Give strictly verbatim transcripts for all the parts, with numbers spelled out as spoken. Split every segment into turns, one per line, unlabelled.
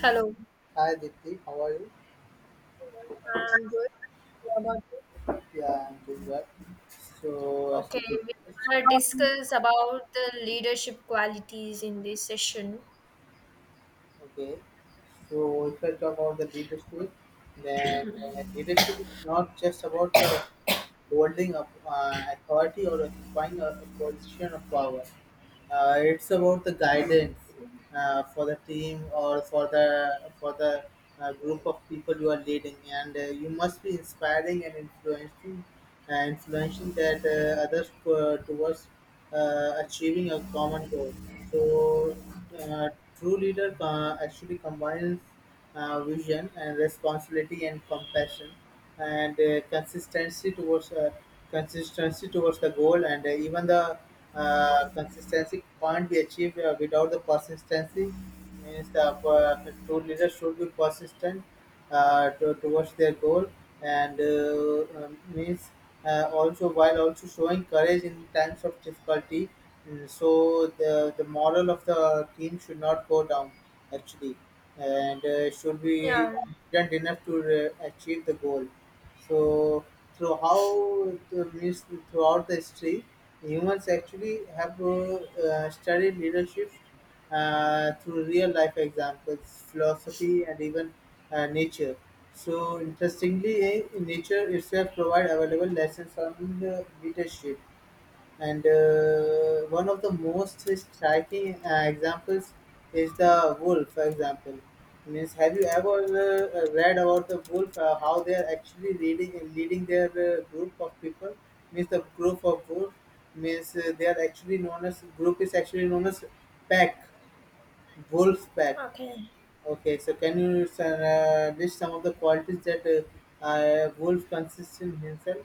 Hello.
Hi Dipti, how are you?
I'm good. What about you?
Yeah, I'm doing well. So as
Okay,
we
we
discussed,
want to discuss about the leadership qualities in this session.
okay. So if I talk about the leadership, then uh, leadership is not just about the holding up uh, authority or occupying a, a position of power. Uh, it's about the guidance uh, for the team or for the for the uh, group of people you are leading, and uh, you must be inspiring and influencing, uh, influencing that uh, others uh, towards uh, achieving a common goal. So, uh, True leader uh, actually combines uh, vision and responsibility and compassion and uh, consistency towards uh, consistency towards the goal and uh, even the uh, consistency can't be achieved uh, without the persistency means the uh, two leaders should be persistent uh, to, towards their goal and uh, um, means uh, also while also showing courage in times of difficulty. Mm, so the the moral of the team should not go down actually, and uh, should be
Yeah.
confident enough to uh, achieve the goal. So through how the mus- throughout the history, humans actually have uh, uh, studied leadership uh, through real life examples, philosophy, and even uh, nature. So interestingly, eh, nature itself provide available lessons on uh, leadership. And uh, one of the most striking uh, examples is the wolf for example. Means, have you ever uh, uh, read about the wolf? Uh, how they are actually leading leading their uh, group of people? Means the group of wolf means uh, they are actually known as group is actually known as pack, wolf pack.
Okay.
Okay, so can you uh, list some of the qualities that uh, uh, wolf consists in himself?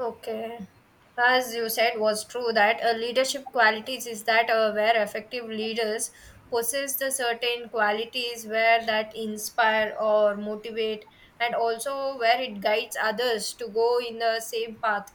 Okay. As you said, was true that a leadership qualities is that uh, where effective leaders possess the certain qualities where that inspire or motivate, and also where it guides others to go in the same path.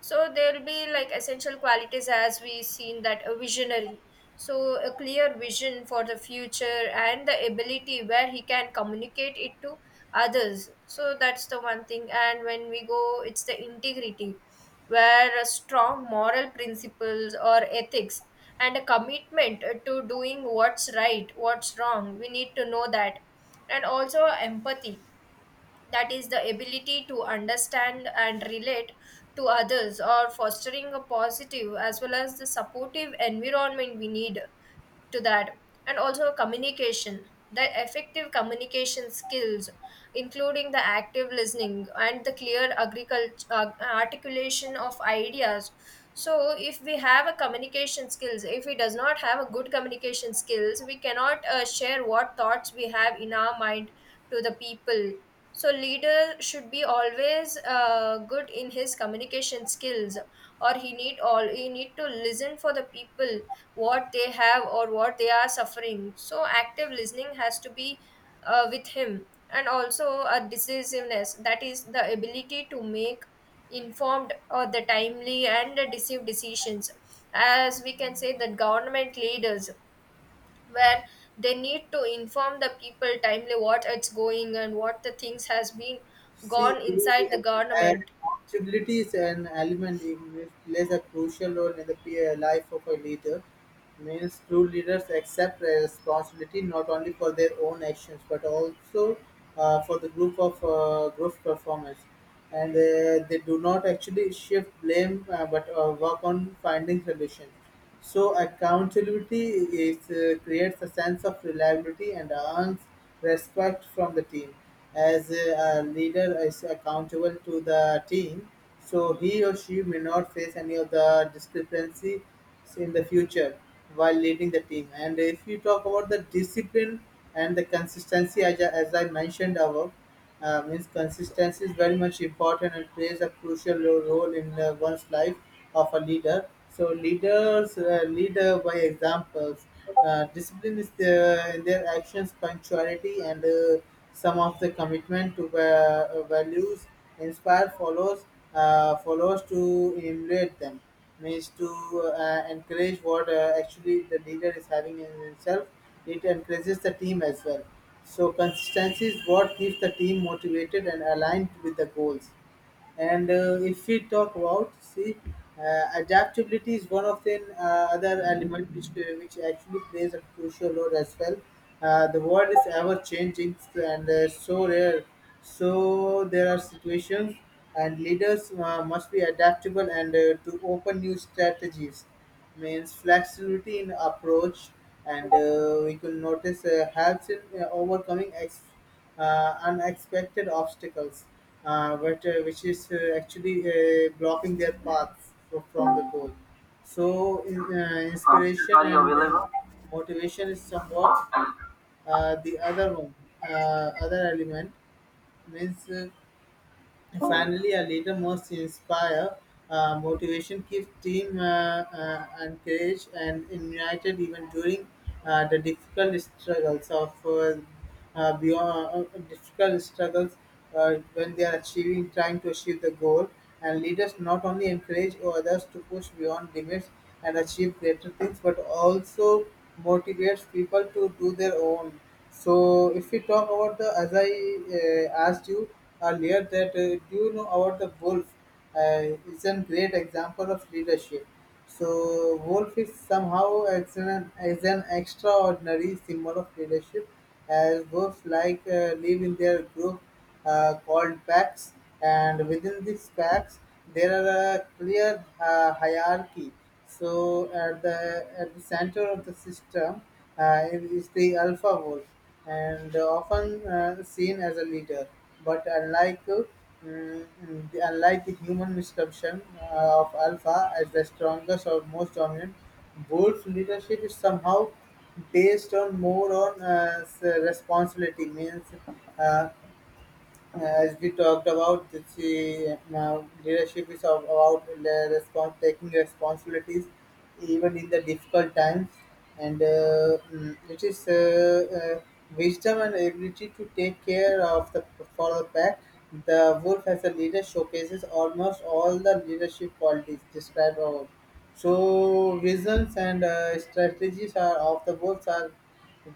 So there'll be like essential qualities as we seen that a visionary. So a clear vision for the future and the ability where he can communicate it to others. So that's the one thing. And when we go, it's the integrity, where a strong moral principles or ethics and a commitment to doing what's right, what's wrong. We need to know that. And also empathy, that is the ability to understand and relate to others or fostering a positive as well as the supportive environment we need to that, and also communication, the effective communication skills including the active listening and the clear agriculture uh, articulation of ideas. So if we have a communication skills, if we does not have a good communication skills, we cannot uh, share what thoughts we have in our mind to the people. So leader should be always uh, good in his communication skills, or he need all he need to listen for the people what they have or what they are suffering. So active listening has to be uh, with him, and also a decisiveness, that is the ability to make informed or the timely and decisive decisions. As we can say that government leaders, where they need to inform the people timely what it's going and what the things has been
See,
gone inside the
the uh,
government.
Accountability is an element in which plays a crucial role in the peer life of a leader. Means true leaders accept their responsibility not only for their own actions but also uh, for the group of uh, group performance, and uh, they do not actually shift blame uh, but uh, work on finding solutions. So accountability is uh, creates a sense of reliability and earns respect from the team. As a, a leader is accountable to the team, so he or she may not face any of the discrepancies in the future while leading the team. And if you talk about the discipline and the consistency, as I, as I mentioned above, uh, means consistency is very much important and plays a crucial ro- role in uh, one's life of a leader. So leaders uh, lead uh, by examples. Uh, discipline is the, in their actions, punctuality, and uh, some of the commitment to uh, values inspire followers uh, followers to emulate them. Means to uh, encourage what uh, actually the leader is having in himself. It encourages the team as well, so consistency is what keeps the team motivated and aligned with the goals. And uh, if we talk about, see, uh, adaptability is one of the uh, other element which, uh, which actually plays a crucial role as well. Uh, the world is ever changing and uh, so rare. So there are situations and leaders uh, must be adaptable and uh, to open new strategies means flexibility in approach and uh, we could notice uh, helps in uh, overcoming ex- uh, unexpected obstacles uh, but, uh, which is uh, actually uh, blocking their paths fro- from the goal. So in, uh, inspiration, are you and uh, available? Motivation is somewhat uh, the other one, uh, other element means uh, and finally, a leader must inspire uh, motivation, keep team uh, uh, encouraged and united even during uh, the difficult struggles of uh, uh, beyond uh, difficult struggles uh, when they are achieving trying to achieve the goal. And leaders not only encourage others to push beyond limits and achieve greater things, but also motivates people to do their own. So if we talk about the, as I uh, asked you earlier, that uh, do you know about the wolf? Uh, it's a great example of leadership. So wolf is somehow as an, as an extraordinary symbol of leadership, as wolves like uh, live in their group uh, called packs, and within these packs there are a clear uh, hierarchy. So at the at the center of the system uh, is the alpha wolf, and often uh, seen as a leader. But unlike uh, mm, mm, the- unlike the human misconception uh, of alpha as the strongest or most dominant, wolf leadership is somehow based on more on uh, s- responsibility means uh, uh, as we talked about, the she, now leadership is all about the respons- taking responsibilities even in the difficult times, and uh, mm, it is uh, uh, wisdom and ability to take care of the for the pack. The wolf as a leader showcases almost all the leadership qualities described above. So visions and uh, strategies are of the wolves are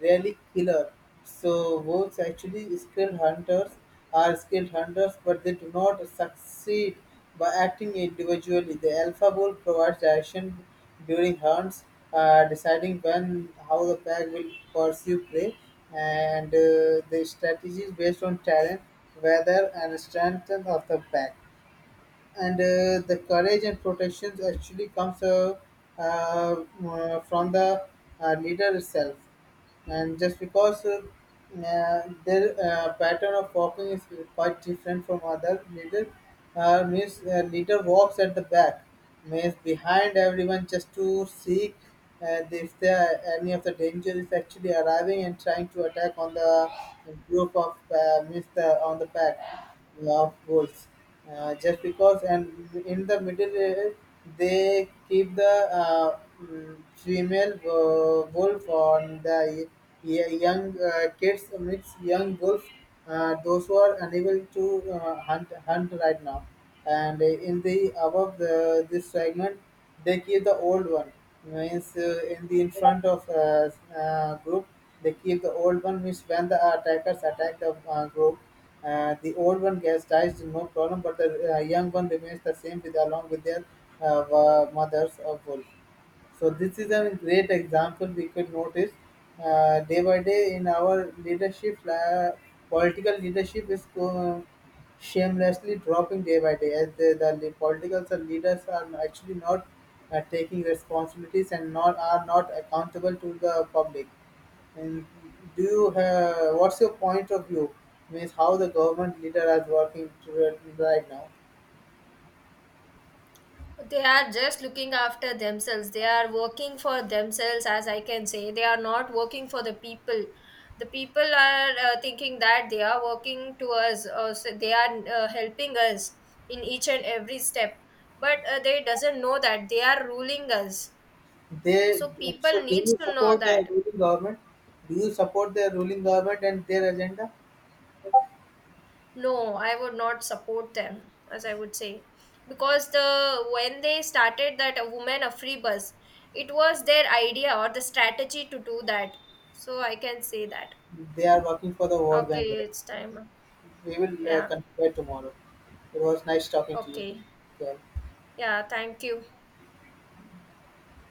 really killer. So wolves actually skilled hunters are skilled hunters, but they do not succeed by acting individually. The alpha wolf provides direction during hunts, uh, deciding when how the pack will pursue prey, and uh, the strategy is based on talent, weather, and strength of the pack and uh, the courage and protection actually comes uh, uh, uh, from the uh, leader itself. And just because uh, uh, their uh, pattern of walking is quite different from other leader. Uh, means uh, leader walks at the back, means behind everyone just to seek uh, if there any of the danger is actually arriving and trying to attack on the group of uh, means the, on the pack of wolves. Uh, just because, and in the middle, uh, they keep the uh, mm, female uh, wolf on the y- young uh, kids, mix young wolf, uh, those who are unable to uh, hunt hunt right now. And in the above the, this segment, they keep the old one. Means uh, in the in front of uh, uh, group, they keep the old one. Means when the attackers attack the uh, group, uh, the old one gets dies no problem, but the uh, young one remains the same with along with their uh, wa- mothers of wolf. So this is a great example we could notice uh, day by day in our leadership. Uh, political leadership is uh, shamelessly dropping day by day as the, the le- political leaders are actually not uh, taking responsibilities and not are not accountable to the public. And do you have what's your point of view? Means how the government leader is working to, uh, right now?
They are just looking after themselves. They are working for themselves, as I can say. They are not working for the people. The people are uh, thinking that they are working to us, uh, so they are uh, helping us in each and every step, but uh, they doesn't know that they are ruling us.
They
So
So
people
do
needs
you
to know
support the
that.
ruling government? Do you support the ruling government and their agenda?
No, I would not support them, as I would say. Because the when they started that a woman a free bus, it was their idea or the strategy to do that, so I can say that.
They are working for the World Bank,
Okay,
right?
it's time.
We will uh,
Yeah.
confer tomorrow. It was nice talking to you.
Okay.
Yeah.
Yeah, thank you.